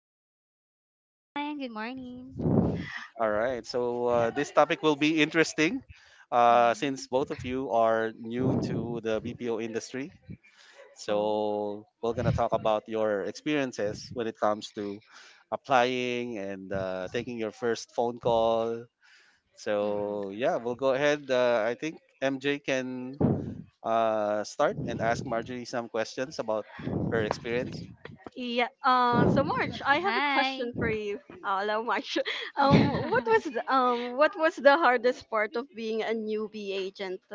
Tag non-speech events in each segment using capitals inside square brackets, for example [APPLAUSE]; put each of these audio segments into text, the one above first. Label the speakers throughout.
Speaker 1: everyone.
Speaker 2: Hi, everyone. Good morning.
Speaker 3: All right. So this topic will be interesting since
Speaker 2: Mm.
Speaker 3: both of you are new to the BPO industry.
Speaker 2: Oh.
Speaker 3: So we're gonna talk about your experiences when it comes to applying and taking your first phone call.
Speaker 2: Mm-hmm.
Speaker 3: So yeah, we'll go ahead. I think MJ can start and ask Marjorie some questions about her experience.
Speaker 1: Yeah. So March, I have a
Speaker 2: Hi.
Speaker 1: question for you. Hello March. [LAUGHS] What was
Speaker 2: [LAUGHS]
Speaker 1: what was the hardest part of being a newbie agent? [LAUGHS]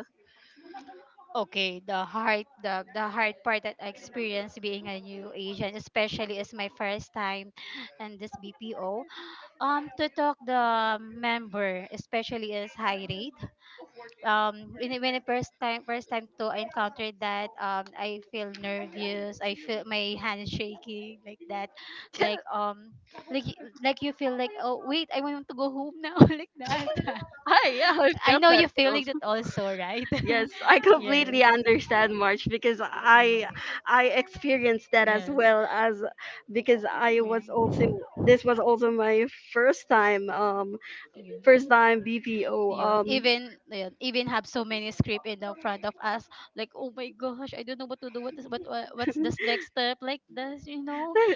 Speaker 2: Okay, the hard part that I experienced being a new agent, especially as my first time in this BPO, to talk the member, especially as high rate. When I first time to I encountered that, I feel nervous, I feel my hands shaking [LAUGHS] like that,
Speaker 1: Yeah.
Speaker 2: like um like you feel like, oh wait, I want to go home now. [LAUGHS] Like that. [LAUGHS]
Speaker 1: Hi. Yeah, I
Speaker 2: I
Speaker 1: felt
Speaker 2: know
Speaker 1: that
Speaker 2: you feeling
Speaker 1: also.
Speaker 2: that also, right?
Speaker 1: [LAUGHS] Yes, I
Speaker 2: [LAUGHS] Yes,
Speaker 1: completely understand March because I
Speaker 2: yeah,
Speaker 1: I experienced that as
Speaker 2: yes,
Speaker 1: well as because I
Speaker 2: yeah,
Speaker 1: was also this was also my first time um
Speaker 2: yeah,
Speaker 1: first time BPO
Speaker 2: yun. Even yun, even have so many script in the front of us like, oh my gosh, I don't know what to do. What is what what's this next step, like this, you know?
Speaker 1: [LAUGHS] I-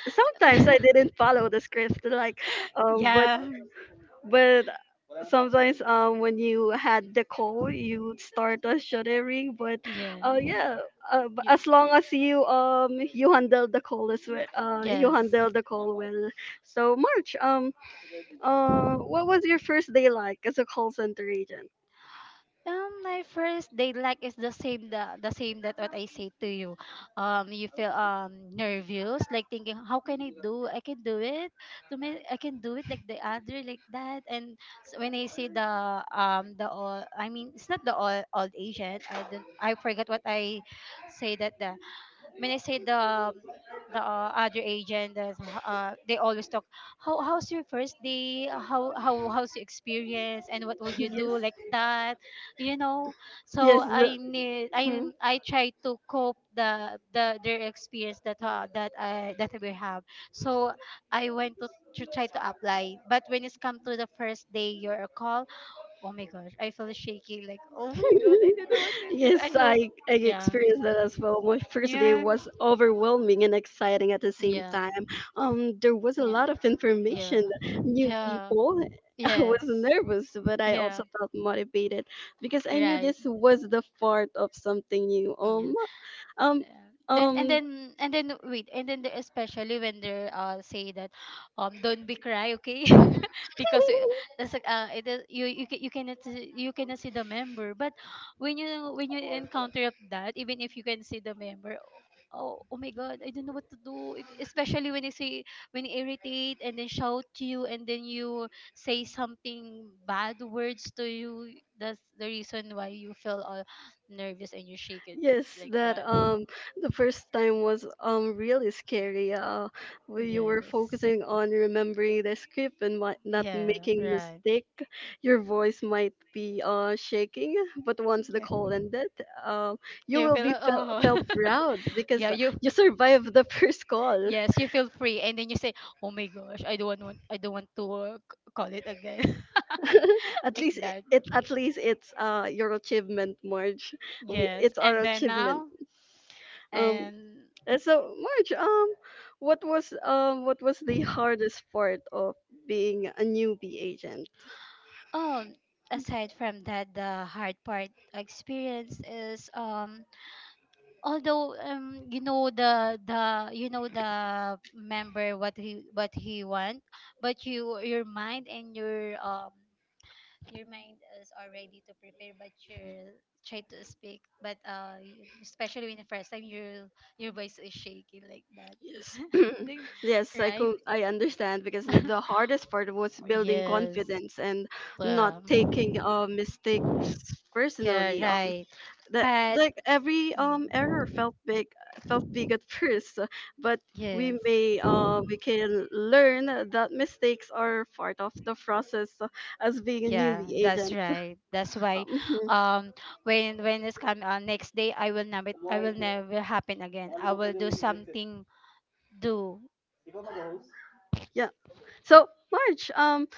Speaker 2: [LAUGHS]
Speaker 1: sometimes I didn't follow the script like but
Speaker 2: Yeah,
Speaker 1: but sometimes when you had the call you start a shuddering but
Speaker 2: yeah,
Speaker 1: yeah
Speaker 2: you,
Speaker 1: as long as you you handle the call as well you
Speaker 2: yes.
Speaker 1: handle the call well. So March what was your first day like as a call center agent?
Speaker 2: My first date like is the same, the same that what I say to you. You feel nervous, like thinking, how can I do? I can do it. To me, I can do it like the other, like that. And s when I say the all, I mean it's not the all old Asian. I don't. I forgot what I say that the when I say the other agent, that's, they always talk. How how's your first day? How how's your experience? And what would
Speaker 1: [LAUGHS]
Speaker 2: you
Speaker 1: Yes.
Speaker 2: do, like that? You know. So
Speaker 1: Yes,
Speaker 2: I need I
Speaker 1: hmm?
Speaker 2: I try to cope the their experience that that I, that we have. So I went to try to apply, but when it's come to the first day your call, oh my gosh, I feel shaky. Like, oh my god, I don't know
Speaker 1: [LAUGHS]
Speaker 2: what to do, I
Speaker 1: Yes,
Speaker 2: hope.
Speaker 1: I
Speaker 2: Yeah,
Speaker 1: experienced that as well. My first day
Speaker 2: yeah,
Speaker 1: was overwhelming and exciting at the same
Speaker 2: yeah.
Speaker 1: time. There was a
Speaker 2: Yeah.
Speaker 1: lot of
Speaker 2: Yeah.
Speaker 1: information, new
Speaker 2: Yeah.
Speaker 1: people. [LAUGHS] I was
Speaker 2: Yes.
Speaker 1: nervous, but I
Speaker 2: Yeah.
Speaker 1: also felt motivated because I knew
Speaker 2: Right.
Speaker 1: this was the part of something new.
Speaker 2: Yeah.
Speaker 1: Um,
Speaker 2: Yeah. Then and
Speaker 1: um,
Speaker 2: then and then wait and then especially when they say that, [GASPS] don't be cry, okay. [LAUGHS] Because that's like it is, you cannot see the member, but when you when you encounter of that, even if you can see the member, oh my god, I don't know what to do. Especially when you say, when you irritate and then shout to you, and then you say something bad words to you, that's the reason why you feel all nervous and you shake it
Speaker 1: Yes,
Speaker 2: like
Speaker 1: that
Speaker 2: that.
Speaker 1: the first time was really scary. We you were
Speaker 2: Yes.
Speaker 1: focusing on remembering the script and not
Speaker 2: Yeah,
Speaker 1: making
Speaker 2: right.
Speaker 1: mistake. Your voice might be shaking, but once the
Speaker 2: Yeah.
Speaker 1: call ended, um you
Speaker 2: You
Speaker 1: will
Speaker 2: feel
Speaker 1: be
Speaker 2: like, oh.
Speaker 1: felt proud
Speaker 2: [LAUGHS] Yeah,
Speaker 1: because
Speaker 2: you.
Speaker 1: you survived the first call.
Speaker 2: Yes, you feel free and then you say, "Oh my gosh, I don't want to call it again."
Speaker 1: [LAUGHS]
Speaker 2: [LAUGHS]
Speaker 1: At
Speaker 2: Like
Speaker 1: least it,
Speaker 2: that.
Speaker 1: it at least it's your achievement, Marge. We,
Speaker 2: Yes.
Speaker 1: it's our
Speaker 2: And then
Speaker 1: achievement.
Speaker 2: now
Speaker 1: Um,
Speaker 2: and
Speaker 1: So, Marge, what was the hardest part of being a newbie agent?
Speaker 2: oh, aside from that, the hard part experience is, although you know the you know the member what he want, but you your mind and your mind is already to prepare, but you try to speak but you, especially when the first time your voice is shaking like that.
Speaker 1: Yes,
Speaker 2: [LAUGHS]
Speaker 1: [CLEARS THROAT]
Speaker 2: Then-
Speaker 1: yes,
Speaker 2: right.
Speaker 1: I understand because the
Speaker 2: [LAUGHS]
Speaker 1: hardest part was building
Speaker 2: Yes.
Speaker 1: confidence and not taking
Speaker 2: Um,
Speaker 1: mistakes
Speaker 2: yeah,
Speaker 1: personally.
Speaker 2: right,
Speaker 1: That
Speaker 2: but
Speaker 1: like every error
Speaker 2: mm,
Speaker 1: felt big at [LAUGHS] first, but
Speaker 2: yes,
Speaker 1: we can learn that mistakes are part of the process, as being a
Speaker 2: yeah,
Speaker 1: newbie
Speaker 2: that's
Speaker 1: agent.
Speaker 2: right, that's
Speaker 1: [LAUGHS]
Speaker 2: why.
Speaker 1: Um,
Speaker 2: [GASPS] Um, when it's come next day, I will never, I will never happen again, I will do something do.
Speaker 1: Yeah. So, March,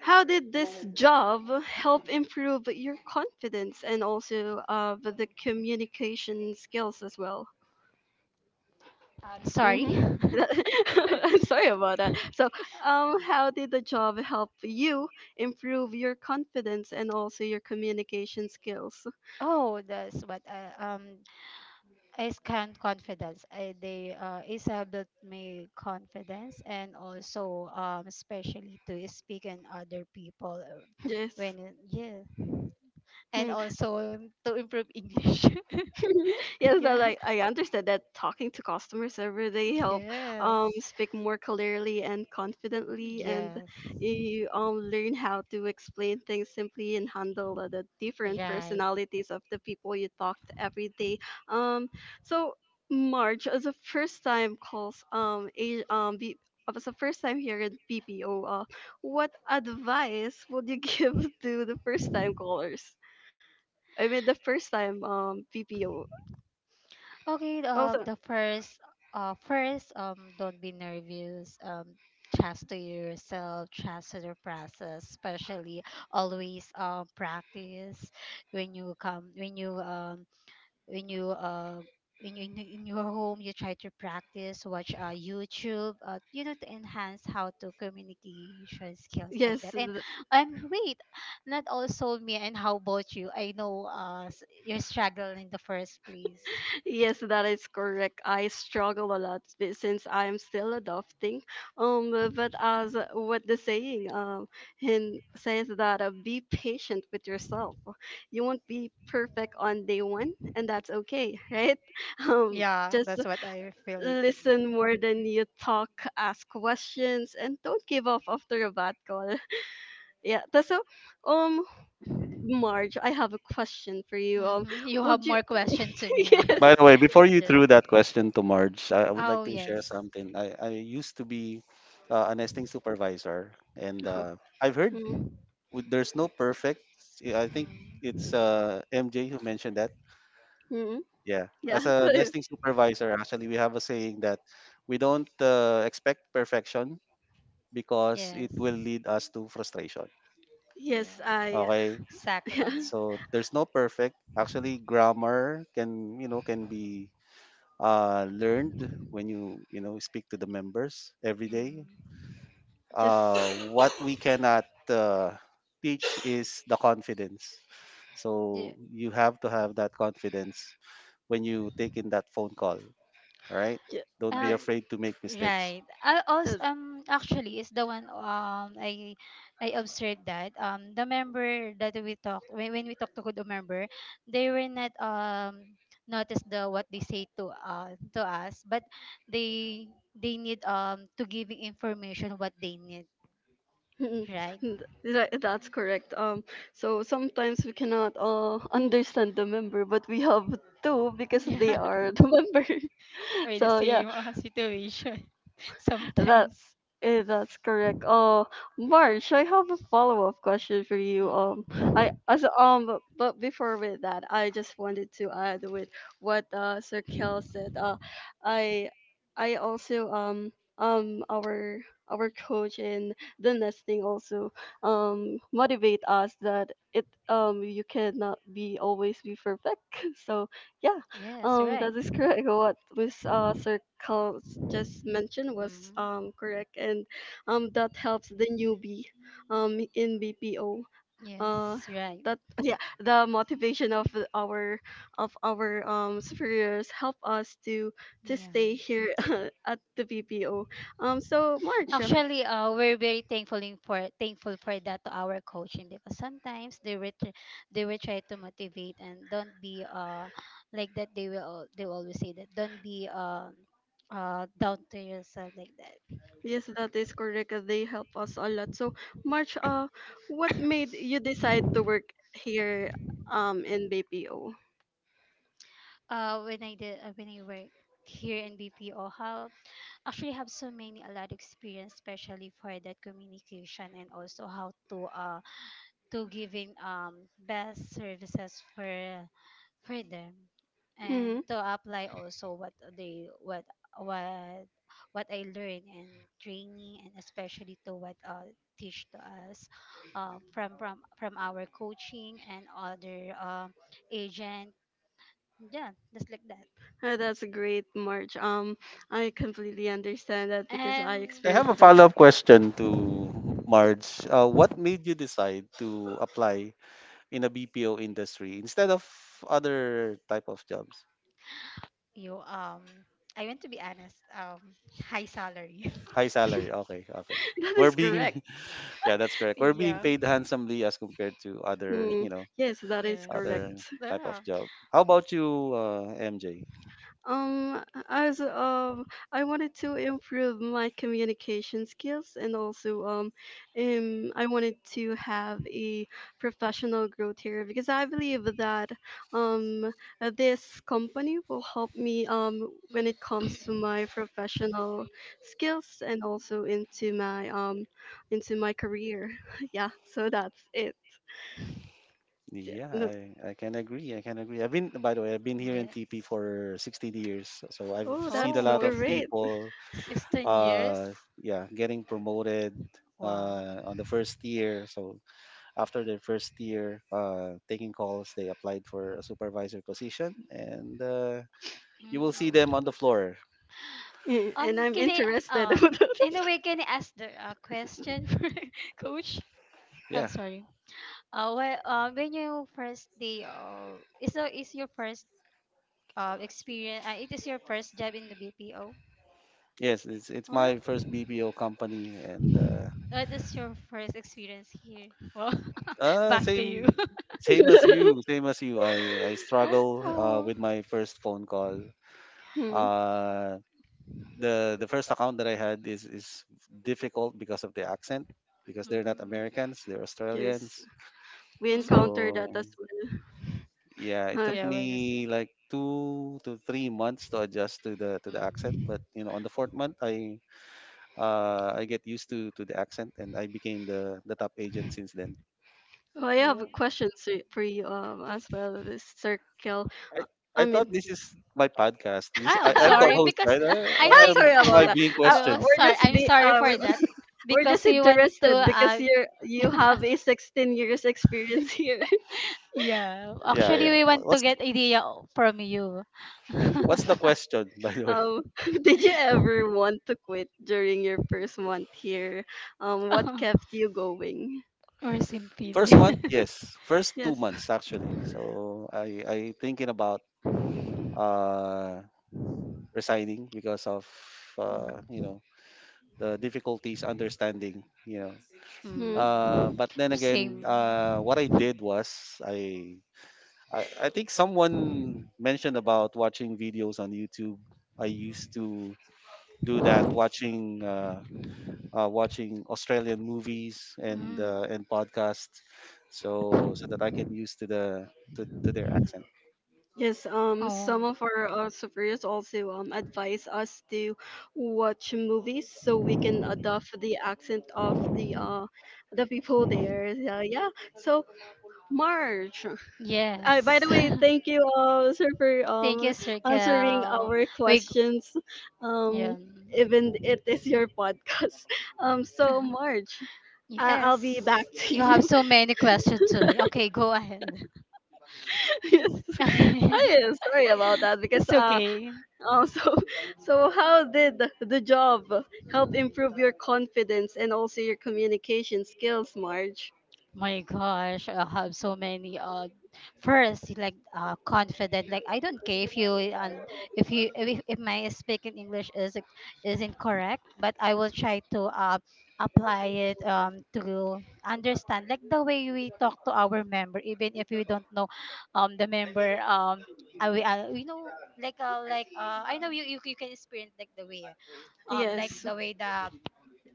Speaker 1: how did this job help improve your confidence and also the communication skills as well?
Speaker 2: Sorry.
Speaker 1: Mm-hmm. [LAUGHS] Sorry about that.
Speaker 2: [LAUGHS]
Speaker 1: So, how did the job help you improve your confidence and also your communication skills?
Speaker 2: Oh, that's what I scanned confidence. I they Isa built me confidence and also especially to speak in other people,
Speaker 1: Yes.
Speaker 2: when yeah, and also, to improve English. [LAUGHS]
Speaker 1: [LAUGHS] Yes,
Speaker 2: Yeah.
Speaker 1: but like I understand that talking to customers every day help
Speaker 2: Yes.
Speaker 1: speak more clearly and confidently, and
Speaker 2: Yes.
Speaker 1: you learn how to explain things simply and handle the different
Speaker 2: Right.
Speaker 1: personalities of the people you talk to every day. Um, so March as a first time calls a B- as a first time here at BPO, what advice would you [LAUGHS] give to the first time callers? I mean, the first time PPO
Speaker 2: Okay,
Speaker 1: also,
Speaker 2: the first, first, don't be nervous. Trust to yourself, trust to the process. Especially, always, practice when you come, when you, when you, when you in your home, you try to practice, watch YouTube, you know, to enhance how to communication skills, like that.
Speaker 1: yes, th-
Speaker 2: And wait, not also me. And how about you? I know, your struggle in the first place.
Speaker 1: yes, that is correct. I struggle a lot since I am still adopting. But as what the saying hin says that, be patient with yourself. You won't be perfect on day one, and that's okay, right? [LAUGHS] Um,
Speaker 2: Yeah,
Speaker 1: just
Speaker 2: that's what I feeling like that.
Speaker 1: listen more than you talk, ask questions, and don't give up after a bad call. [LAUGHS] Yeah. tha- So, um, Marge, I have a question for you.
Speaker 2: Mm-hmm. You have
Speaker 1: Would you?
Speaker 2: more question to
Speaker 1: [LAUGHS]
Speaker 2: me. Ah.
Speaker 1: Yes.
Speaker 3: By the way, before
Speaker 2: [LAUGHS]
Speaker 3: you
Speaker 2: The,
Speaker 3: threw that question to Marge, I would like
Speaker 2: oh,
Speaker 3: to share
Speaker 2: yes.
Speaker 3: something. I used to be a nesting supervisor, and I've heard
Speaker 1: Hmm.
Speaker 3: there's no perfect. Yeah, I think
Speaker 2: Mm.
Speaker 3: it's MJ who mentioned that.
Speaker 1: Hmm.
Speaker 3: Yeah,
Speaker 1: Yeah.
Speaker 3: as a nesting
Speaker 1: [LAUGHS]
Speaker 3: supervisor, actually, we have a saying that we don't expect perfection because it will
Speaker 2: Yes.
Speaker 3: lead us to frustration.
Speaker 1: Yes, I. [LAUGHS]
Speaker 2: Yes.
Speaker 3: Okay.
Speaker 1: Yeah.
Speaker 2: Exactly.
Speaker 3: So there's no perfect. Actually, grammar can can be learned when you know speak to the members every day.
Speaker 2: Mm.
Speaker 1: Just.
Speaker 3: What we cannot uh, teach is the confidence.
Speaker 2: Yeah.
Speaker 3: So you have to have that confidence when you take in that phone call. All right.
Speaker 1: Yeah.
Speaker 3: Don't be
Speaker 1: Right.
Speaker 2: Um,
Speaker 3: afraid to make mistakes.
Speaker 2: right. I also
Speaker 1: Uh,
Speaker 2: actually is the one I observed that the member that we talked, when we talked to the member, they were not notice the what they say to us, but they they need to giving information what they need,
Speaker 1: [LAUGHS] mm,
Speaker 2: right?
Speaker 1: That's correct. So sometimes we cannot [LAUGHS] understand the member, but we have to
Speaker 2: [LAUGHS]
Speaker 1: because
Speaker 2: Yeah.
Speaker 1: they are the member. [LAUGHS]
Speaker 2: Or the
Speaker 1: So yeah,
Speaker 2: same situation, [LAUGHS]
Speaker 1: That
Speaker 2: sometimes.
Speaker 1: that's correct. March, I have a follow-up question for you. Um, I
Speaker 2: Mm.
Speaker 1: as um, but, but before with that, I just wanted to add with what Sir Kel said. I I also our coach in the nesting also motivate us that it you cannot be always be perfect. [LAUGHS] So yeah.
Speaker 2: Yes,
Speaker 1: That
Speaker 2: right.
Speaker 1: is correct. What Miss Circles just mentioned was
Speaker 2: Mm-hmm.
Speaker 1: correct, and that helps the newbie in BPO. Uh,
Speaker 2: Yes, right.
Speaker 1: that [LAUGHS] Yeah, the motivation our of our superiors help us to
Speaker 2: Yeah.
Speaker 1: stay here [LAUGHS] at the BPO. Um, so March, uh,
Speaker 2: Actually, we're very thankful in for thankful for that to our coaching, because sometimes they will they will try to motivate, and don't be like that. They will, they will always say that don't be down to yourself, like that.
Speaker 1: yes, that is correct. They help us a lot. So March, what made you decide to work here in BPO?
Speaker 2: When I worked here in BPO, how actually have so many a lot of experience, especially for that communication, and also how to giving best services for them, and to apply also what they what what I learn and training, and especially to what teach to us from our coaching and other agent, yeah, just like that.
Speaker 1: Oh, that's a great march. I completely understand that because I
Speaker 2: And
Speaker 3: I have a
Speaker 1: experienced that.
Speaker 3: follow up
Speaker 1: [LAUGHS]
Speaker 3: question to Marge. What made you decide to apply in a BPO industry instead of other type of jobs?
Speaker 2: you I want to be honest, high salary.
Speaker 3: High salary. Okay, okay.
Speaker 1: That
Speaker 3: We're
Speaker 1: is
Speaker 3: being
Speaker 1: correct.
Speaker 3: [LAUGHS] yeah, that's correct. We're being
Speaker 2: [LAUGHS] Yeah,
Speaker 3: paid handsomely as compared to other,
Speaker 1: Mm, yes, that is
Speaker 2: yes,
Speaker 3: other
Speaker 1: correct.
Speaker 3: type of
Speaker 2: yeah.
Speaker 3: job. How about you, MJ?
Speaker 1: Um, as I wanted to improve my communication skills and also I wanted to have a professional growth here because I believe that um, this company will help me when it comes to
Speaker 2: Mm.
Speaker 1: my professional skills and also into my career. [LAUGHS] Yeah, so that's it. Yeah,
Speaker 3: Yeah,
Speaker 1: no-
Speaker 3: I can agree. I can agree. By the way, I've been here
Speaker 2: [COUGHS]
Speaker 3: in TP
Speaker 2: Yes,
Speaker 3: for 16 years. So I've
Speaker 1: Oh,
Speaker 3: seen a
Speaker 1: that's
Speaker 3: lot
Speaker 2: oh,
Speaker 3: of
Speaker 1: great. [LAUGHS]
Speaker 3: people,
Speaker 2: 16 years,
Speaker 3: uh, yeah, getting promoted
Speaker 2: wow.
Speaker 3: on the first year. So after their first year taking calls, they applied for a supervisor position, and you will
Speaker 2: Mm.
Speaker 3: see them on the floor.
Speaker 1: And I'm
Speaker 2: Can I
Speaker 1: interested.
Speaker 2: um in a way, can I ask the question [LAUGHS] for coach? I'm
Speaker 3: Yeah,
Speaker 2: sorry. Well, when you first day is your first experience? It is your first job in the BPO.
Speaker 3: yes, it's my
Speaker 2: Well,
Speaker 3: first BPO company, and
Speaker 2: what is your first experience here? Well, [LAUGHS]
Speaker 3: uh
Speaker 2: back to you.
Speaker 3: same
Speaker 2: [LAUGHS]
Speaker 3: same as you, same
Speaker 1: [LAUGHS]
Speaker 3: as you. I struggle
Speaker 2: Oh.
Speaker 3: with my first phone call.
Speaker 1: Hmm.
Speaker 3: Uh, the first account that I had is difficult because of the accent, because they're not
Speaker 2: Mm.
Speaker 3: Americans, they're
Speaker 1: Yes,
Speaker 3: Australians.
Speaker 1: we
Speaker 2: Mm.
Speaker 1: encounter that
Speaker 3: So
Speaker 1: as well.
Speaker 3: yeah, it
Speaker 1: Huh.
Speaker 3: took
Speaker 2: Yeah, we're the
Speaker 3: me
Speaker 2: same.
Speaker 3: like two to three months to adjust to the accent.
Speaker 2: Mm.
Speaker 3: But you know, on the fourth month, I get used to the accent, and I became the top agent since then.
Speaker 1: Oh, I have
Speaker 2: Oh.
Speaker 1: for you as well. This circle,
Speaker 3: I I
Speaker 1: I mean,
Speaker 3: thought this is my podcast. This
Speaker 2: Oh,
Speaker 3: I'm
Speaker 1: [LAUGHS]
Speaker 3: the
Speaker 2: sorry.
Speaker 3: host,
Speaker 2: Because
Speaker 3: right?
Speaker 1: Ah,
Speaker 2: I
Speaker 3: Why
Speaker 2: think,
Speaker 1: sorry
Speaker 3: am
Speaker 1: about
Speaker 3: I
Speaker 1: that.
Speaker 3: being
Speaker 2: [LAUGHS] well,
Speaker 3: questioned?
Speaker 1: We're
Speaker 2: sorry.
Speaker 1: just
Speaker 2: I'm
Speaker 1: be,
Speaker 2: sorry for that.
Speaker 1: we're
Speaker 2: Because
Speaker 1: just
Speaker 2: we want to,
Speaker 1: interested because you
Speaker 2: [LAUGHS]
Speaker 1: have a 16 years experience here.
Speaker 2: yeah.
Speaker 3: Yeah,
Speaker 2: Actually,
Speaker 3: yeah.
Speaker 2: we want to get idea from you. [LAUGHS]
Speaker 3: What's the
Speaker 1: [LAUGHS]
Speaker 3: question, [LAUGHS] by the way?
Speaker 1: Um, [LAUGHS] did you ever want to quit during your first month here? What kept you going?
Speaker 2: Or same
Speaker 3: First month,
Speaker 2: feeling. [LAUGHS]
Speaker 3: yes. First two
Speaker 1: Yes.
Speaker 3: months actually. So I thinking about uh resigning because of uh you
Speaker 2: Mm.
Speaker 3: know the difficulties understanding
Speaker 1: Hmm.
Speaker 2: Mm.
Speaker 3: but then again,
Speaker 2: Same.
Speaker 3: what I did was I think someone mentioned about watching videos on YouTube. I used to do that, watching watching Australian movies
Speaker 2: Mm.
Speaker 3: and podcasts so that I can use to the to their accent.
Speaker 1: Yes,
Speaker 2: Oh,
Speaker 1: some of our superiors also advise us to watch movies so we can adopt the accent of the people there. Yeah, yeah. So, Marge, by the
Speaker 2: yes.
Speaker 1: way, thank you, sir, for
Speaker 2: [LAUGHS] Thank you, Sir
Speaker 1: answering
Speaker 2: Kel.
Speaker 1: our
Speaker 2: We, g-
Speaker 1: questions. Um,
Speaker 2: yeah.
Speaker 1: Even it is your podcast. [LAUGHS] So Marge, I'll be back
Speaker 2: Yes.
Speaker 1: to
Speaker 2: You have
Speaker 1: you.
Speaker 2: so many questions to me. Okay, go ahead. [LAUGHS]
Speaker 1: [LAUGHS] Yes,
Speaker 2: Okay.
Speaker 1: I am sorry about that because
Speaker 2: It's okay.
Speaker 1: [LAUGHS] so so how did the job help improve your confidence and also your communication skills, Marge?
Speaker 2: My gosh, I have so many. First, like confident. Like, I don't care if you, and if my speaking English is incorrect, but I will try to apply it to understand, like the way we talk to our member, even if we don't know the member. Um, I we you know, like I know you can experience like
Speaker 1: Yes.
Speaker 2: the way the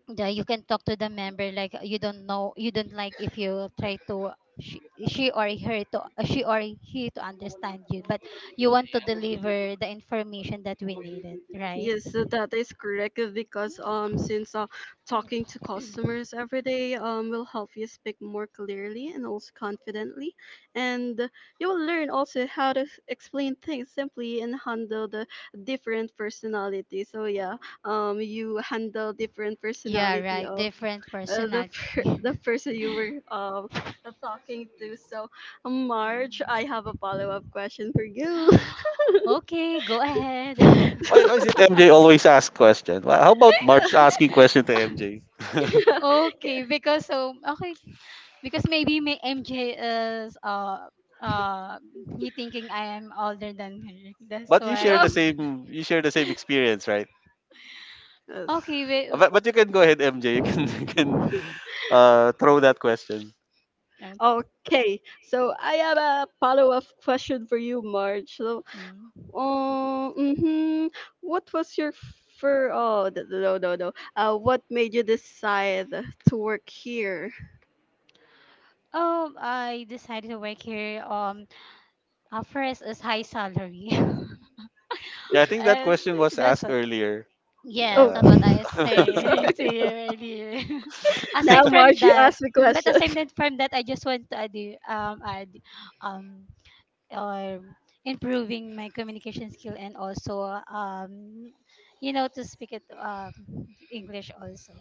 Speaker 2: yeah, you can talk to the member like you don't know, you don't like, if you try to she, she or her to she or he to understand you, but you want to deliver the information that we needed, right?
Speaker 1: Yes, so that is correct, because since talking to customers every day will help you speak more clearly and also confidently, and you will learn also how to explain things simply and handle the different personality. So yeah, you handle different
Speaker 2: Yeah,
Speaker 1: personality
Speaker 2: right,
Speaker 1: of
Speaker 2: different personality.
Speaker 1: [LAUGHS] the
Speaker 2: [LAUGHS]
Speaker 1: person you were talking to. So
Speaker 2: Yeah.
Speaker 1: Marge, I have a follow-up question for you. [LAUGHS]
Speaker 2: Okay, go ahead.
Speaker 3: Why is it MJ always ask question? Well, how about March asking question to MJ? [LAUGHS]
Speaker 1: Yeah.
Speaker 2: [LAUGHS]
Speaker 1: Okay.
Speaker 2: Okay, because so okay, because maybe may mj is uh he thinking I am older than her, that's
Speaker 3: But you share
Speaker 1: No.
Speaker 3: the
Speaker 2: why.
Speaker 3: same experience, right?
Speaker 1: Yes.
Speaker 2: Okay, wait,
Speaker 3: But you can go ahead, MJ. You can [LAUGHS] you can throw that question.
Speaker 2: okay.
Speaker 1: Okay. So I have a follow-up question for you, Marge. So,
Speaker 2: Mm.
Speaker 1: um, hmm what was your fir- Oh, th- no, no, no. no. What made you decide to work here?
Speaker 2: I decided to work here. First is high salary. [LAUGHS]
Speaker 3: Yeah, I think that
Speaker 2: And
Speaker 3: question was
Speaker 2: that's
Speaker 3: asked
Speaker 2: what.
Speaker 3: earlier.
Speaker 2: Yes,
Speaker 1: Oh,
Speaker 2: that's
Speaker 3: Uh,
Speaker 2: what I
Speaker 3: [LAUGHS]
Speaker 1: [LAUGHS]
Speaker 2: say
Speaker 1: sorry.
Speaker 2: [LAUGHS] to you earlier. [LAUGHS]
Speaker 1: Now,
Speaker 2: Aside from
Speaker 1: Marge, you
Speaker 2: that,
Speaker 1: asked me
Speaker 2: mm, but
Speaker 1: question.
Speaker 2: aside that from that, I just want to add, add, um, or improving my communication skill, and also, you know, to speak it, English also.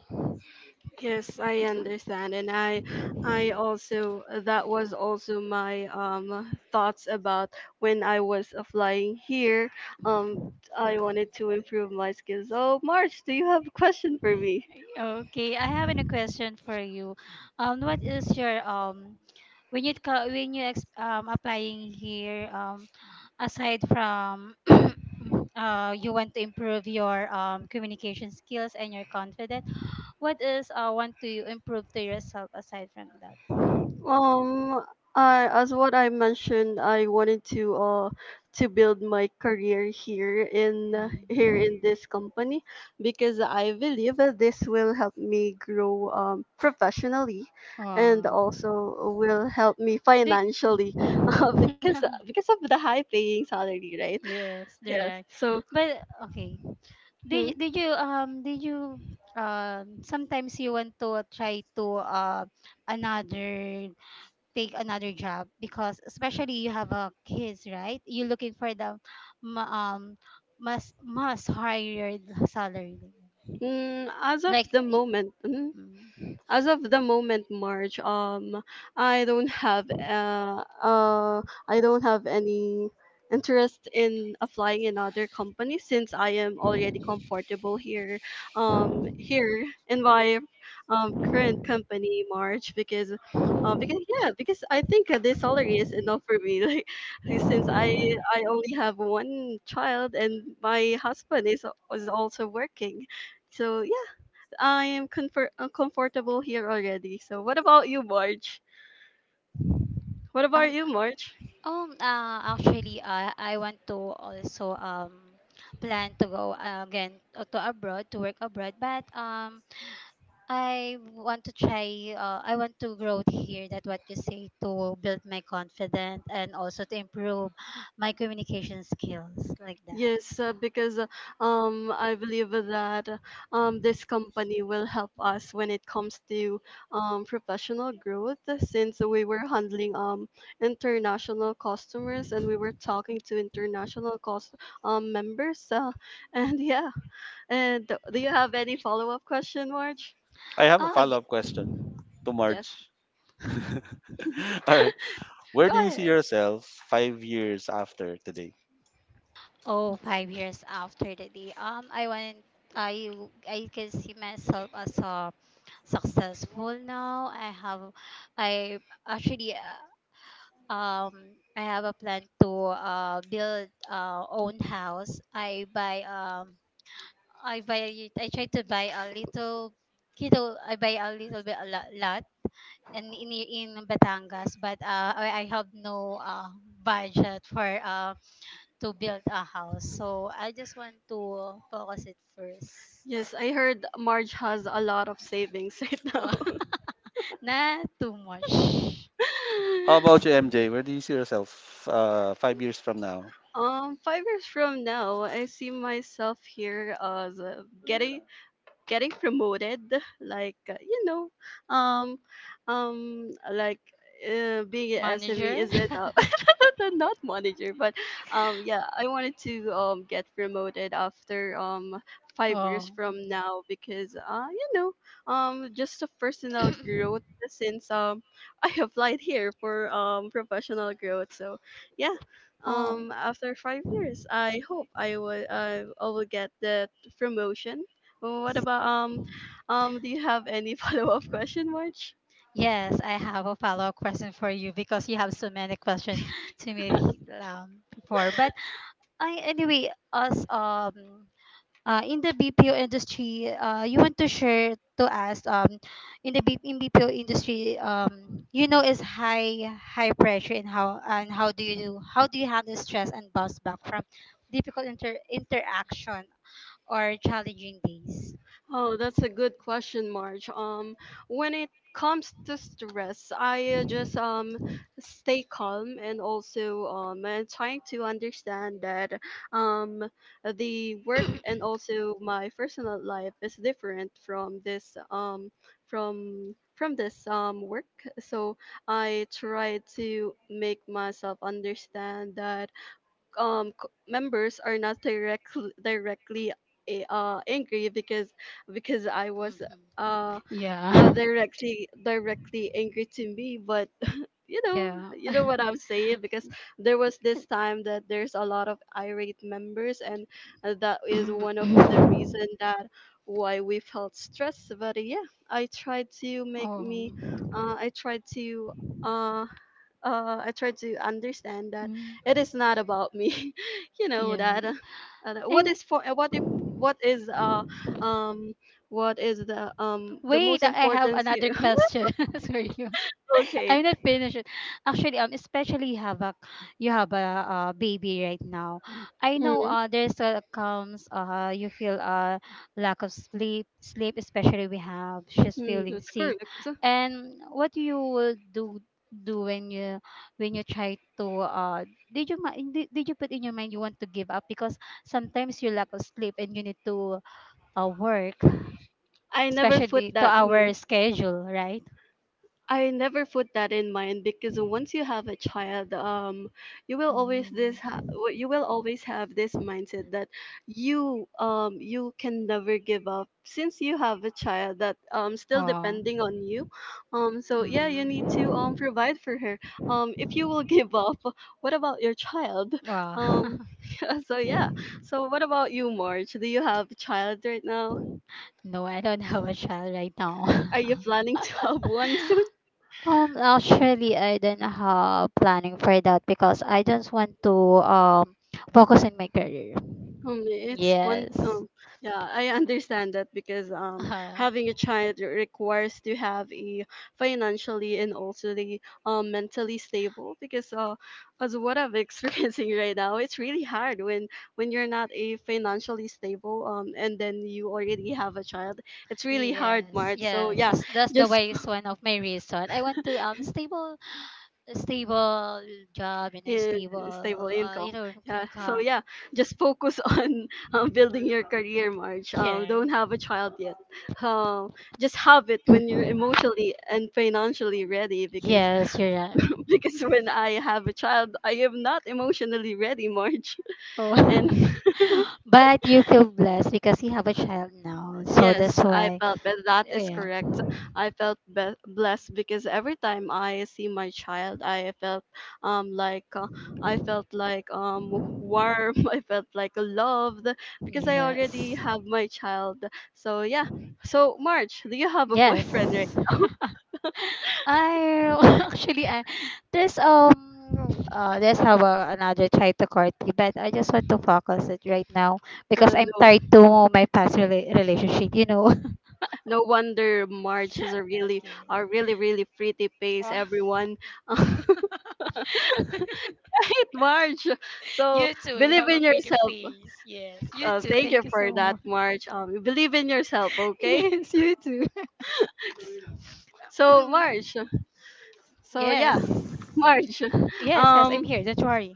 Speaker 1: Yes, I understand, and I also that was also my thoughts about when I was flying here. Um,
Speaker 2: Mm.
Speaker 1: I wanted to improve my skills. Oh, March, do you have a question for me?
Speaker 2: Okay, I have a question for you. What is your um? When when applying here, aside from [CLEARS THROAT] you want to improve your communication skills and your confidence, what is want to you improve to yourself aside from that.
Speaker 1: Um, I as what I mentioned, I wanted to build my career here in here
Speaker 2: Mm.
Speaker 1: in this company because I believe that this will help me grow professionally and
Speaker 2: Oh.
Speaker 1: also will help me
Speaker 2: Did,
Speaker 1: financially [LAUGHS] uh, because
Speaker 2: [LAUGHS]
Speaker 1: because of the high paying salary, right?
Speaker 2: yes,
Speaker 1: Yes.
Speaker 2: direct,
Speaker 1: So,
Speaker 2: but okay,
Speaker 1: hmm,
Speaker 2: did you sometimes you want to try to another, take another job, because especially you have a kids, right? You're looking for the ma- um must higher salary.
Speaker 1: mm, as of
Speaker 2: Like,
Speaker 1: the
Speaker 2: y-
Speaker 1: moment, mm,
Speaker 2: mm.
Speaker 1: as of the moment March, I don't have I don't have any interest in applying in other companies since I am already comfortable here here in my current company March, because yeah, because I think this salary is enough for me [LAUGHS] like since I only have one child and my husband is also working, so I am comfortable here already. So what about you, March? What about
Speaker 2: Um,
Speaker 1: you, March?
Speaker 2: actually, I want to also plan to go, again, to abroad, to work abroad, but I want to try. I want to grow here. That what you say, to build my confidence, and also to improve my communication skills, like that.
Speaker 1: Yes, because I believe that this company will help us when it comes to professional growth since we were handling international customers and we were talking to international cost members. [LAUGHS] And yeah, and do you have any follow-up question, March?
Speaker 3: I have a
Speaker 2: Oh.
Speaker 3: follow up question to
Speaker 1: Yes,
Speaker 3: Marge. [LAUGHS] All right. Where
Speaker 1: go
Speaker 3: do you see
Speaker 1: ahead.
Speaker 3: yourself five years after today?
Speaker 2: Oh, 5 years after the day. I want I I can see myself as a successful now. I have, I actually um I have a plan to build own house. I buy I try to buy a little, you I buy a little bit a lot, lot, and in Batangas, but I have no budget for to build a house. So I just want to focus it first.
Speaker 1: Yes, I heard Marge has a lot of savings [LAUGHS] right now.
Speaker 2: Oh, [LAUGHS] not too much.
Speaker 3: How about
Speaker 1: [LAUGHS]
Speaker 3: you,
Speaker 2: Yeah.
Speaker 3: MJ? Where do you see yourself five years from now?
Speaker 1: 5 years from now, I see myself here as getting getting promoted like you know um like being an SME
Speaker 2: Manager.
Speaker 1: is enough, [LAUGHS] not manager, but yeah, I wanted to get promoted after
Speaker 2: [LAUGHS]
Speaker 1: five
Speaker 2: Oh.
Speaker 1: years from now because you know just a personal growth since [LAUGHS] I applied here for professional growth, so yeah,
Speaker 2: Oh.
Speaker 1: after 5 years I hope I will I will get that promotion. Well, what about
Speaker 2: sc-
Speaker 1: do you have any [LAUGHS] follow-up question, March?
Speaker 2: Yes, I have a follow-up question for you, because you have so many questions to me before. But I, anyway, as in the BPO industry, you want to share to us, in the B- in BPO industry, is high pressure. And how do you, how do you handle stress and bounce back from difficult interaction or challenging days?
Speaker 1: Oh, that's a good question, Marge. When it comes to stress, I just stay calm and also and trying to understand that um the work and also my personal life is different from this from this work. So I try to make myself understand that members are not directly angry because I was
Speaker 2: Hmm.
Speaker 1: uh
Speaker 2: Yeah. [LAUGHS]
Speaker 1: directly angry to me. But [LAUGHS] you know
Speaker 2: Yeah.
Speaker 1: you
Speaker 2: [COUGHS]
Speaker 1: know what I'm saying, because there was this time that there's a lot of irate members, and that is one of the
Speaker 2: oh.
Speaker 1: reason that why we felt stressed. But yeah, I tried to make me
Speaker 2: Oh.
Speaker 1: uh I tried to uh I tried to understand that
Speaker 2: Mm.
Speaker 1: it is not about me. [LAUGHS] You know
Speaker 2: Yeah.
Speaker 1: that
Speaker 2: And.
Speaker 1: what if what is uh um what is the
Speaker 2: Wait,
Speaker 1: most
Speaker 2: I have
Speaker 1: important
Speaker 2: another
Speaker 1: here?
Speaker 2: question. [LAUGHS] Sorry. [LAUGHS]
Speaker 1: [LAUGHS] Okay.
Speaker 2: I'm not finished it. Actually, especially have a you have a, baby right now. I know,
Speaker 1: Hmm.
Speaker 2: there's, comes, uh, you feel, uh, lack of sleep, especially we have she's
Speaker 1: Hmm,
Speaker 2: feeling
Speaker 1: that's
Speaker 2: sick,
Speaker 1: correct.
Speaker 2: and what you will do when you try to, uh, did you put in your mind you want to give up? Because sometimes you lack of sleep and you need to, work,
Speaker 1: I never
Speaker 2: especially
Speaker 1: put
Speaker 2: to
Speaker 1: that. Hmm.
Speaker 2: our schedule, right?
Speaker 1: I never put that in mind, because once you have a child,
Speaker 2: Mm.
Speaker 1: you will always have this mindset that you can never give up, since you have a child that still
Speaker 2: Oh.
Speaker 1: depending on you. So yeah, you need to
Speaker 2: Mm-hmm.
Speaker 1: provide for her. If you will [LAUGHS] give up, what about your child?
Speaker 2: Well,
Speaker 1: um [LAUGHS] so yeah, so what about you, March? Do you have a child right now?
Speaker 2: [LAUGHS] no, I don't have a child right now.
Speaker 1: Are
Speaker 2: [LAUGHS]
Speaker 1: you planning to have one? [LAUGHS]
Speaker 2: Actually, I don't have planning for that because I just want to, um, focus on my career.
Speaker 1: It's fun.
Speaker 2: Yes.
Speaker 1: Yeah, I understand that, because having
Speaker 2: [LAUGHS] Uh,
Speaker 1: a child requires to have a financially and also the mentally stable. Because as what I'm [LAUGHS] experiencing right now, it's really hard when you're not a financially stable and then you already have a child. It's really hard,
Speaker 2: yes,
Speaker 1: Mart. So
Speaker 2: yes.
Speaker 1: yeah,
Speaker 2: That's the
Speaker 1: just
Speaker 2: way, is one of my reason. I want to, um, stable, a stable job and a
Speaker 1: yeah, stable
Speaker 2: stable, uh, you
Speaker 1: income.
Speaker 2: know,
Speaker 1: Yeah. So
Speaker 2: income.
Speaker 1: yeah, just focus [LAUGHS] on building your career, March.
Speaker 2: Yeah.
Speaker 1: Don't have a child yet. Um, just have it when you're
Speaker 2: [CLEARS THROAT]
Speaker 1: emotionally and financially ready. Because
Speaker 2: Yes, you're right.
Speaker 1: [LAUGHS] because when I have a child, I am not emotionally ready, March. [LAUGHS] And
Speaker 2: Oh. [LAUGHS] but you feel blessed because you have a child now. So that's
Speaker 1: yes, I
Speaker 2: why.
Speaker 1: felt that that is
Speaker 2: Yeah.
Speaker 1: correct. I felt be blessed, because every time I see my child, I felt um like uh, I felt like warm. [LAUGHS] I felt like loved, because I already
Speaker 2: Yes.
Speaker 1: have my child. So yeah. So March, do you have a
Speaker 2: Yes.
Speaker 1: boyfriend, right? [LAUGHS]
Speaker 2: [LAUGHS] I [LAUGHS] actually, I there's have a, another child to court, but I just want to focus it right now because I'm
Speaker 1: No,
Speaker 2: tied to my past relationship, you know. [LAUGHS]
Speaker 1: no wonder March is
Speaker 2: Okay.
Speaker 1: a really, really pretty face,
Speaker 2: Oh,
Speaker 1: everyone. [LAUGHS] Right,
Speaker 2: [LAUGHS]
Speaker 1: March. So
Speaker 2: you too. You
Speaker 1: believe
Speaker 2: have a
Speaker 1: in
Speaker 2: pretty
Speaker 1: yourself.
Speaker 2: face. Yes. You too.
Speaker 1: Thank you
Speaker 2: Thank you so
Speaker 1: for that,
Speaker 2: much.
Speaker 1: Marge. You believe in yourself,
Speaker 2: [LAUGHS]
Speaker 1: okay?
Speaker 2: Yes, you too.
Speaker 1: So, Marge.
Speaker 2: [CLEARS THROAT]
Speaker 1: So,
Speaker 2: yes.
Speaker 1: yeah, Marge. [LAUGHS]
Speaker 2: Yes, yes, I'm here.
Speaker 1: Um,
Speaker 2: Don't worry.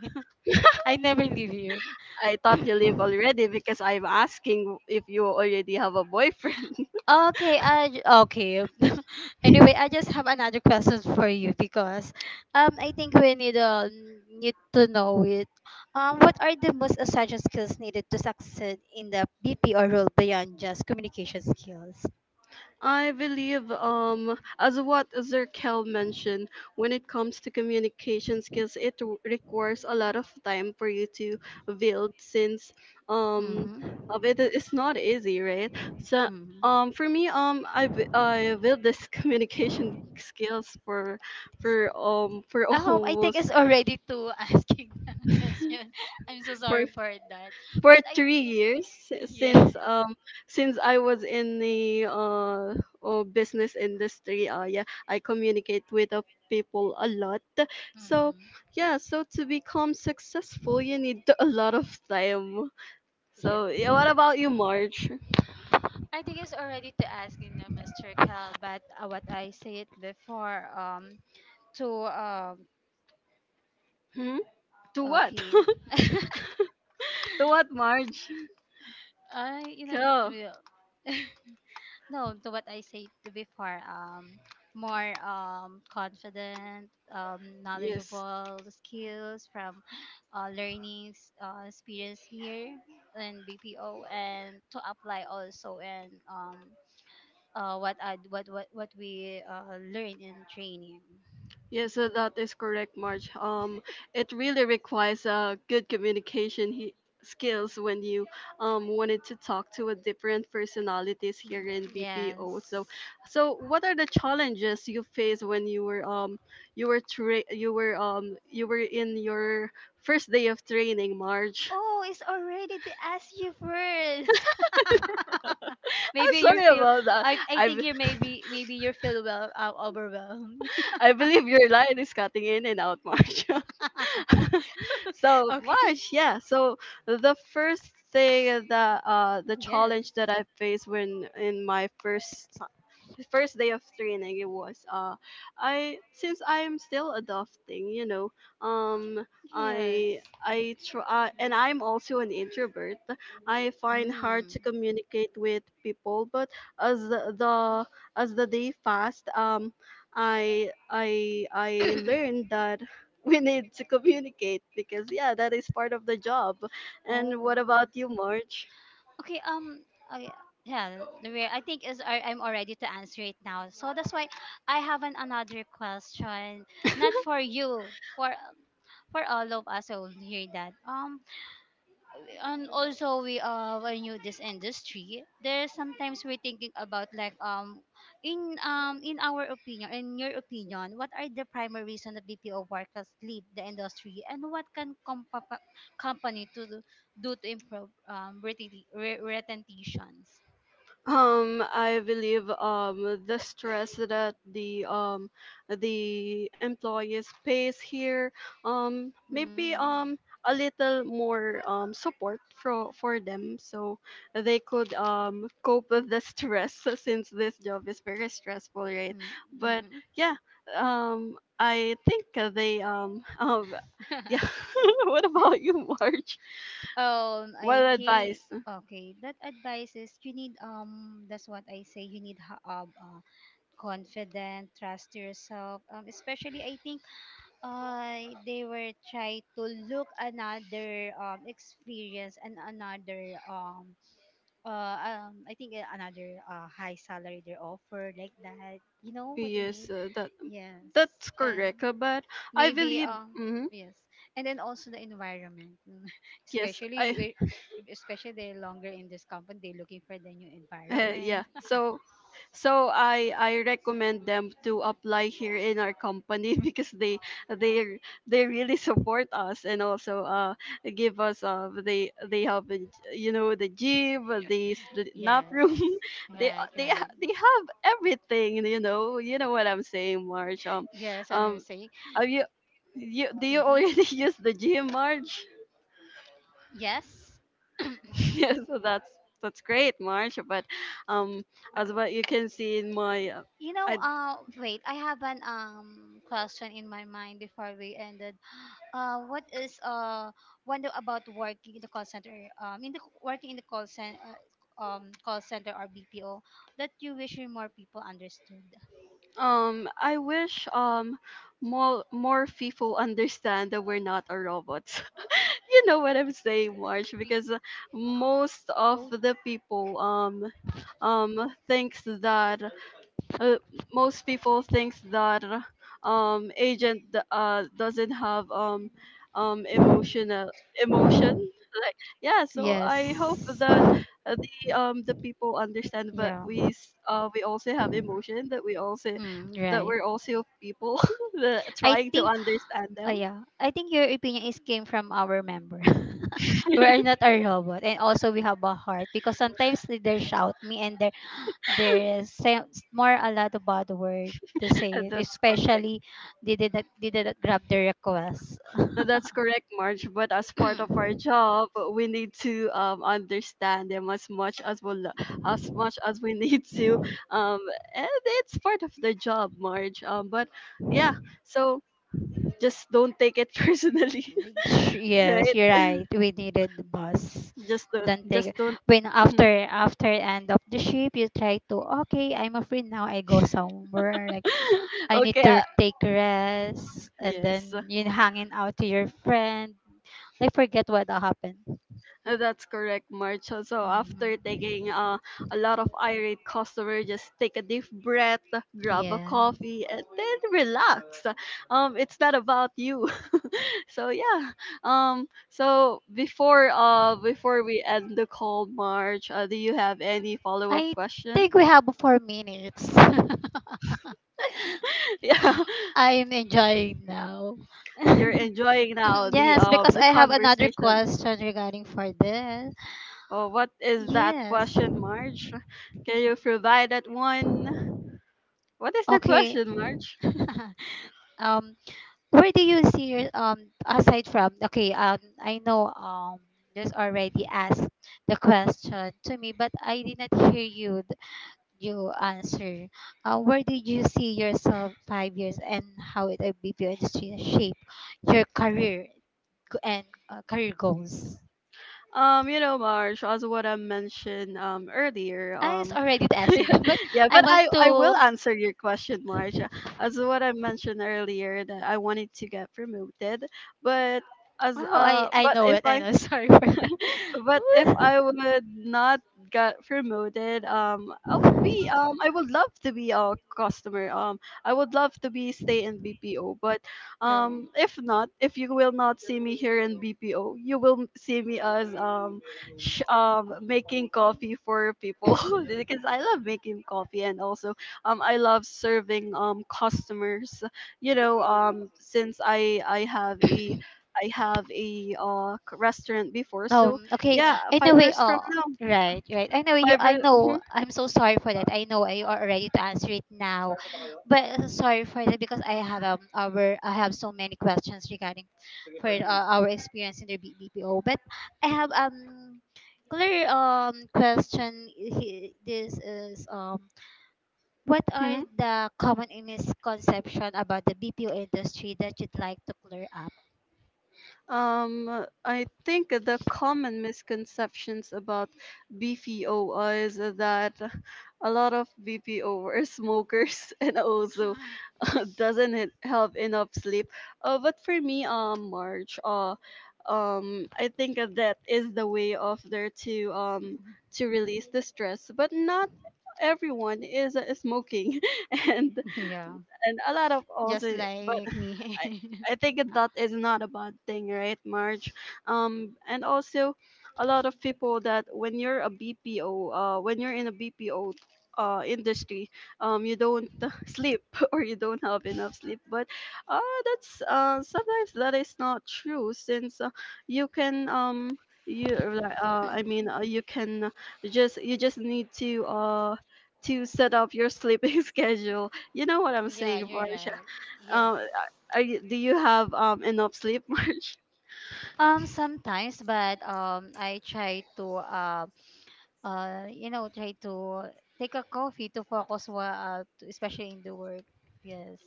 Speaker 2: [LAUGHS] I never leave you.
Speaker 1: I thought you live already, because I'm asking if you already have a boyfriend.
Speaker 2: [CLEARS THROAT] Okay. [LAUGHS] anyway, I just have another question for you because, um, I think we need, need to know it. What are the most essential skills needed to succeed in the BPO role beyond just communication skills?
Speaker 1: I believe, as what Zerkel mentioned, when it comes to communication skills, it requires a lot of time for you to build, since um,
Speaker 2: Mm-hmm.
Speaker 1: of it it's not easy, right? So
Speaker 2: Mm-hmm.
Speaker 1: for me, I built this [LAUGHS] communication skills for
Speaker 2: I think
Speaker 1: almost
Speaker 2: it's already too [LAUGHS] asking the
Speaker 1: [LAUGHS]
Speaker 2: question. I'm so
Speaker 1: for
Speaker 2: sorry for that.
Speaker 1: for
Speaker 2: But I
Speaker 1: three
Speaker 2: think.
Speaker 1: years
Speaker 2: Yeah.
Speaker 1: since I was in the oh, business industry. Yeah, I communicate with people a lot. So
Speaker 2: Mm-hmm.
Speaker 1: yeah, so to become successful, you need a lot of time.
Speaker 2: Yeah.
Speaker 1: So yeah, what about you, Marge?
Speaker 2: I think it's already to ask, you know, Mr. Cal, but, what I said before, to,
Speaker 1: Hmm? To what? [LAUGHS]
Speaker 2: okay,
Speaker 1: To what, Marge?
Speaker 2: I, you know,
Speaker 1: Go.
Speaker 2: to, [LAUGHS] no, to what I said to before, more, um, confident,
Speaker 1: Yes.
Speaker 2: knowledgeable skills from, learning, experience here in BPO and to apply also in, um, what I what we, learn in training.
Speaker 1: Yes, so that is correct, Marge. It really requires good communication skills when you wanted to talk to a different personalities
Speaker 2: Mm.
Speaker 1: here in
Speaker 2: Yes.
Speaker 1: BPO. So, so what are the challenges you faced when you were you were in your first day of training, Marge?
Speaker 2: Oh, it's already to ask you first. [LAUGHS]
Speaker 1: [LAUGHS] I'm
Speaker 2: maybe you
Speaker 1: sorry
Speaker 2: feel.
Speaker 1: about that.
Speaker 2: I
Speaker 1: I
Speaker 2: think
Speaker 1: be-
Speaker 2: you
Speaker 1: [LAUGHS]
Speaker 2: maybe you feel, well, overwhelmed.
Speaker 1: I believe your line is cutting in and out, Marge. [LAUGHS]
Speaker 2: [LAUGHS]
Speaker 1: [LAUGHS] So
Speaker 2: okay.
Speaker 1: much, yeah, so the first thing that the
Speaker 2: Yes.
Speaker 1: challenge that I faced when in my first day of training, it was I, since I'm still adopting, you know, um
Speaker 2: Yes.
Speaker 1: i I try, and I'm also an introvert. I find hard
Speaker 2: Mm.
Speaker 1: to communicate with people, but as the, as the day passed, I learned that [LAUGHS] we need to communicate, because yeah, that is part of the job. And
Speaker 2: Oh.
Speaker 1: what
Speaker 2: Wow.
Speaker 1: about you, March?
Speaker 2: Okay, I, yeah, the way, I think is I, I'm already to answer it now. So that's why I have an, another question, not for you, for all of us who will hear that. And also we, uh, when you this industry, there's sometimes we're thinking about like, um, in um, in our opinion, in your opinion, what are the primary reason the BPO workers leave the industry and what can company to do, to improve, um, retentions?
Speaker 1: I believe the stress that the employees pays here, maybe
Speaker 2: Mm.
Speaker 1: a little more support for them, so they could cope with the stress [LAUGHS] since this job is very stressful, right?
Speaker 2: Mm.
Speaker 1: But
Speaker 2: Mm.
Speaker 1: yeah, I think they [LAUGHS] yeah.
Speaker 2: [LAUGHS]
Speaker 1: [LAUGHS] What about you, Marge?
Speaker 2: um,
Speaker 1: What
Speaker 2: I think.
Speaker 1: advice?
Speaker 2: Okay, that advice is you need, um, that's what I say, you need uh, confident, trust yourself. Especially, I think, uh, they were trying to look another, um, experience and another, um, uh, um, I think, another, uh, high salary they offer, like that. You know what I mean?
Speaker 1: Yes, that,
Speaker 2: Yes.
Speaker 1: that's correct,
Speaker 2: And
Speaker 1: but I
Speaker 2: maybe,
Speaker 1: believe,
Speaker 2: um,
Speaker 1: mhm,
Speaker 2: yes. And then also the environment. [LAUGHS]
Speaker 1: yes,
Speaker 2: especially
Speaker 1: I
Speaker 2: wi- Especially they're longer in this company, they're looking for the new
Speaker 1: [LAUGHS]
Speaker 2: environment.
Speaker 1: yeah. So, so I recommend them to apply here in our company [LAUGHS] because they they really support us, and also give us they have you know, the gym,
Speaker 2: [LAUGHS]
Speaker 1: the
Speaker 2: yes.
Speaker 1: nap room, [LAUGHS]
Speaker 2: Right, right.
Speaker 1: they have everything, you know. You know what I'm saying, March.
Speaker 2: Yes, and I'm
Speaker 1: Um,
Speaker 2: saying.
Speaker 1: have you, you do you
Speaker 2: Mm-hmm.
Speaker 1: already [LAUGHS] use the gym, March?
Speaker 2: Yes.
Speaker 1: [LAUGHS] Yeah, so that's great, March. But um, as what you can see in my,
Speaker 2: You know,
Speaker 1: I
Speaker 2: wait, I have an, um, question in my mind before we ended. What is, uh, one about working in the call center? In the working in the call center or BPO that you wish more people understood.
Speaker 1: I wish more people understand that we're not a robots. [LAUGHS] You know what I'm saying, March? Because most of
Speaker 2: Go.
Speaker 1: the people thinks that. Uh, most people think that agent doesn't have emotional emotion [LAUGHS] like, yeah, so I hope
Speaker 2: Yes.
Speaker 1: that the people understand that
Speaker 2: Yeah.
Speaker 1: we also have emotion, that we also,
Speaker 2: Hmm.
Speaker 1: that
Speaker 2: Right.
Speaker 1: we're also people [LAUGHS] that
Speaker 2: I
Speaker 1: trying to
Speaker 2: think.
Speaker 1: understand them.
Speaker 2: Yeah, I think your opinion is came from our member. [LAUGHS] we are
Speaker 1: [LAUGHS]
Speaker 2: not a robot, and also we have a heart, because sometimes they shout me and they there is more a lot of bad word to say it,
Speaker 1: That's correct.
Speaker 2: especially they did not grab the request.
Speaker 1: No, that's correct, Marge. But as part of our
Speaker 2: [CLEARS THROAT]
Speaker 1: job, we need to understand them as much as as much as we [LAUGHS] need to. Um, and it's part of the job, Marge. But yeah, so just don't take it [LAUGHS] personally,
Speaker 2: yes,
Speaker 1: right?
Speaker 2: you're right. We needed the bus.
Speaker 1: Just don't,
Speaker 2: Don't take
Speaker 1: just don't.
Speaker 2: when
Speaker 1: [LAUGHS]
Speaker 2: after end of the ship, you try to, okay, I'm a free now, I go somewhere, like, I need
Speaker 1: Okay.
Speaker 2: to take rest and
Speaker 1: Yes, so
Speaker 2: then you hanging out to your friend. Like, forget what happened.
Speaker 1: uh, that's correct, March. So so after
Speaker 2: Hmm.
Speaker 1: taking a lot of irate customer, just take a deep breath, grab a
Speaker 2: Yeah.
Speaker 1: coffee, and then relax. It's not about you. [LAUGHS] So yeah. So before before we end the call, March, do you have any follow up
Speaker 2: I
Speaker 1: question?
Speaker 2: think we have 4 minutes. [LAUGHS]
Speaker 1: [LAUGHS] Yeah,
Speaker 2: I'm enjoying now. [LAUGHS]
Speaker 1: you're enjoying now
Speaker 2: yes, because
Speaker 1: the
Speaker 2: I have another
Speaker 1: conversation.
Speaker 2: question regarding for this.
Speaker 1: Oh, what is that
Speaker 2: Yes.
Speaker 1: question, March? Can you provide that one? What is the
Speaker 2: Okay.
Speaker 1: question, March?
Speaker 2: [LAUGHS] um, where do you see your, um, aside from, okay, um, I know, um, just already asked the question to me, but I did not hear you. You answer. Where did you see yourself 5 years, and how it, BPO industry shape your career and, career goals?
Speaker 1: You know, Marge, as what I mentioned earlier,
Speaker 2: I, it's already the
Speaker 1: [LAUGHS] yeah,
Speaker 2: answer, [LAUGHS] but
Speaker 1: yeah,
Speaker 2: I
Speaker 1: but
Speaker 2: want
Speaker 1: I will
Speaker 2: to.
Speaker 1: answer your question, Marge. As what I mentioned earlier, that I wanted to get promoted, but as
Speaker 2: Wow, I I know it. I know. [LAUGHS] Sorry for
Speaker 1: but if
Speaker 2: that.
Speaker 1: I would not get promoted, I'll be
Speaker 2: [LAUGHS]
Speaker 1: I would love to be a customer. I would love to be stay in BPO, but if not, if you will not see me here in BPO, you will see me as making coffee for people [LAUGHS] because I love making coffee and also I love serving customers. You know, since I have a, I have a restaurant before, so
Speaker 2: Um. Okay.
Speaker 1: yeah, 5
Speaker 2: Anyway.
Speaker 1: years from now.
Speaker 2: Right. Right. Anyway. You.
Speaker 1: 5
Speaker 2: I
Speaker 1: years, mhm,
Speaker 2: know. I'm so sorry for that. I know I are ready to answer it now, but, sorry for that, because I have, um, our I have so many questions regarding for, our experience in the BPO. But I have, um, clear, um, question. This is, um, what are
Speaker 1: mhm.
Speaker 2: the common misconception about the BPO industry that you'd like to clear up?
Speaker 1: I think the common misconceptions about BPO is that a lot of BPO are smokers [LAUGHS] and also [LAUGHS] doesn't it have enough sleep. But for me, March, I think that is the way of there to release the stress. But not everyone is smoking, [LAUGHS] and
Speaker 2: [LAUGHS] Yeah,
Speaker 1: a lot of
Speaker 2: just
Speaker 1: also, but
Speaker 2: like me.
Speaker 1: I
Speaker 2: [LAUGHS]
Speaker 1: I think that is not a bad thing, right, Marge? And also, a lot of people that when you're a BPO, when you're in a BPO, industry, you don't [LAUGHS] sleep [LAUGHS] or you don't have enough sleep. But, uh, that's sometimes that is not true since you can you like, I mean you can just, you just need to set up your sleeping [LAUGHS] schedule. You know what I'm
Speaker 2: Yeah,
Speaker 1: saying,
Speaker 2: you're
Speaker 1: Marge?
Speaker 2: right. Yes.
Speaker 1: Uh, are you, do you have enough sleep, [LAUGHS] March?
Speaker 2: Sometimes, but, I try to, you know, try to take a coffee to focus, to, especially in the work. Yes,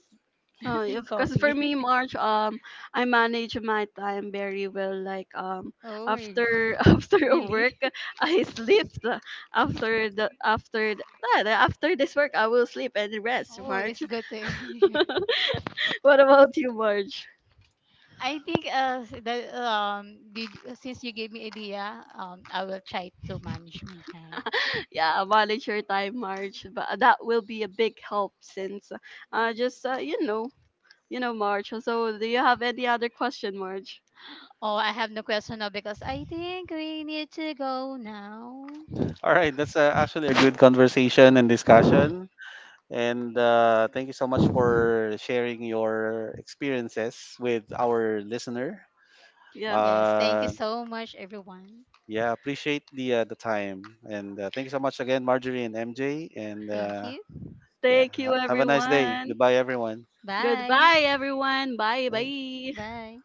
Speaker 1: Oh,
Speaker 2: [LAUGHS]
Speaker 1: yeah,
Speaker 2: drink
Speaker 1: because for
Speaker 2: coffee.
Speaker 1: me,
Speaker 2: [LAUGHS]
Speaker 1: March, I manage my time very well. Like
Speaker 2: Oh,
Speaker 1: after [LAUGHS] after
Speaker 2: really?
Speaker 1: work, I sleep. After ah, after this work, I will sleep and rest,
Speaker 2: Oh,
Speaker 1: March.
Speaker 2: it's good to hear.
Speaker 1: [LAUGHS] What about you, March?
Speaker 2: I think, uh, that, um, did, since you gave me idea, um, I will try to manage my time.
Speaker 1: Yeah, manage your time, March. But that will be a big help since just you know, March. So, do you have any other question, March?
Speaker 2: Oh, I have no question now because I think we need to go now.
Speaker 3: All right, that's actually a good conversation and discussion. And thank you so much for sharing your experiences with our listener.
Speaker 1: Yeah.
Speaker 2: Yes, thank you
Speaker 3: Uh,
Speaker 2: so much, everyone.
Speaker 3: yeah, appreciate the time. And thank you so much again, Marjorie and MJ. And
Speaker 2: Thank you.
Speaker 3: yeah,
Speaker 1: Thank you,
Speaker 3: have a nice day.
Speaker 1: everyone.
Speaker 3: Goodbye, everyone.
Speaker 2: Bye.
Speaker 1: Goodbye, everyone. Bye
Speaker 3: Bye.
Speaker 1: bye.
Speaker 2: Bye.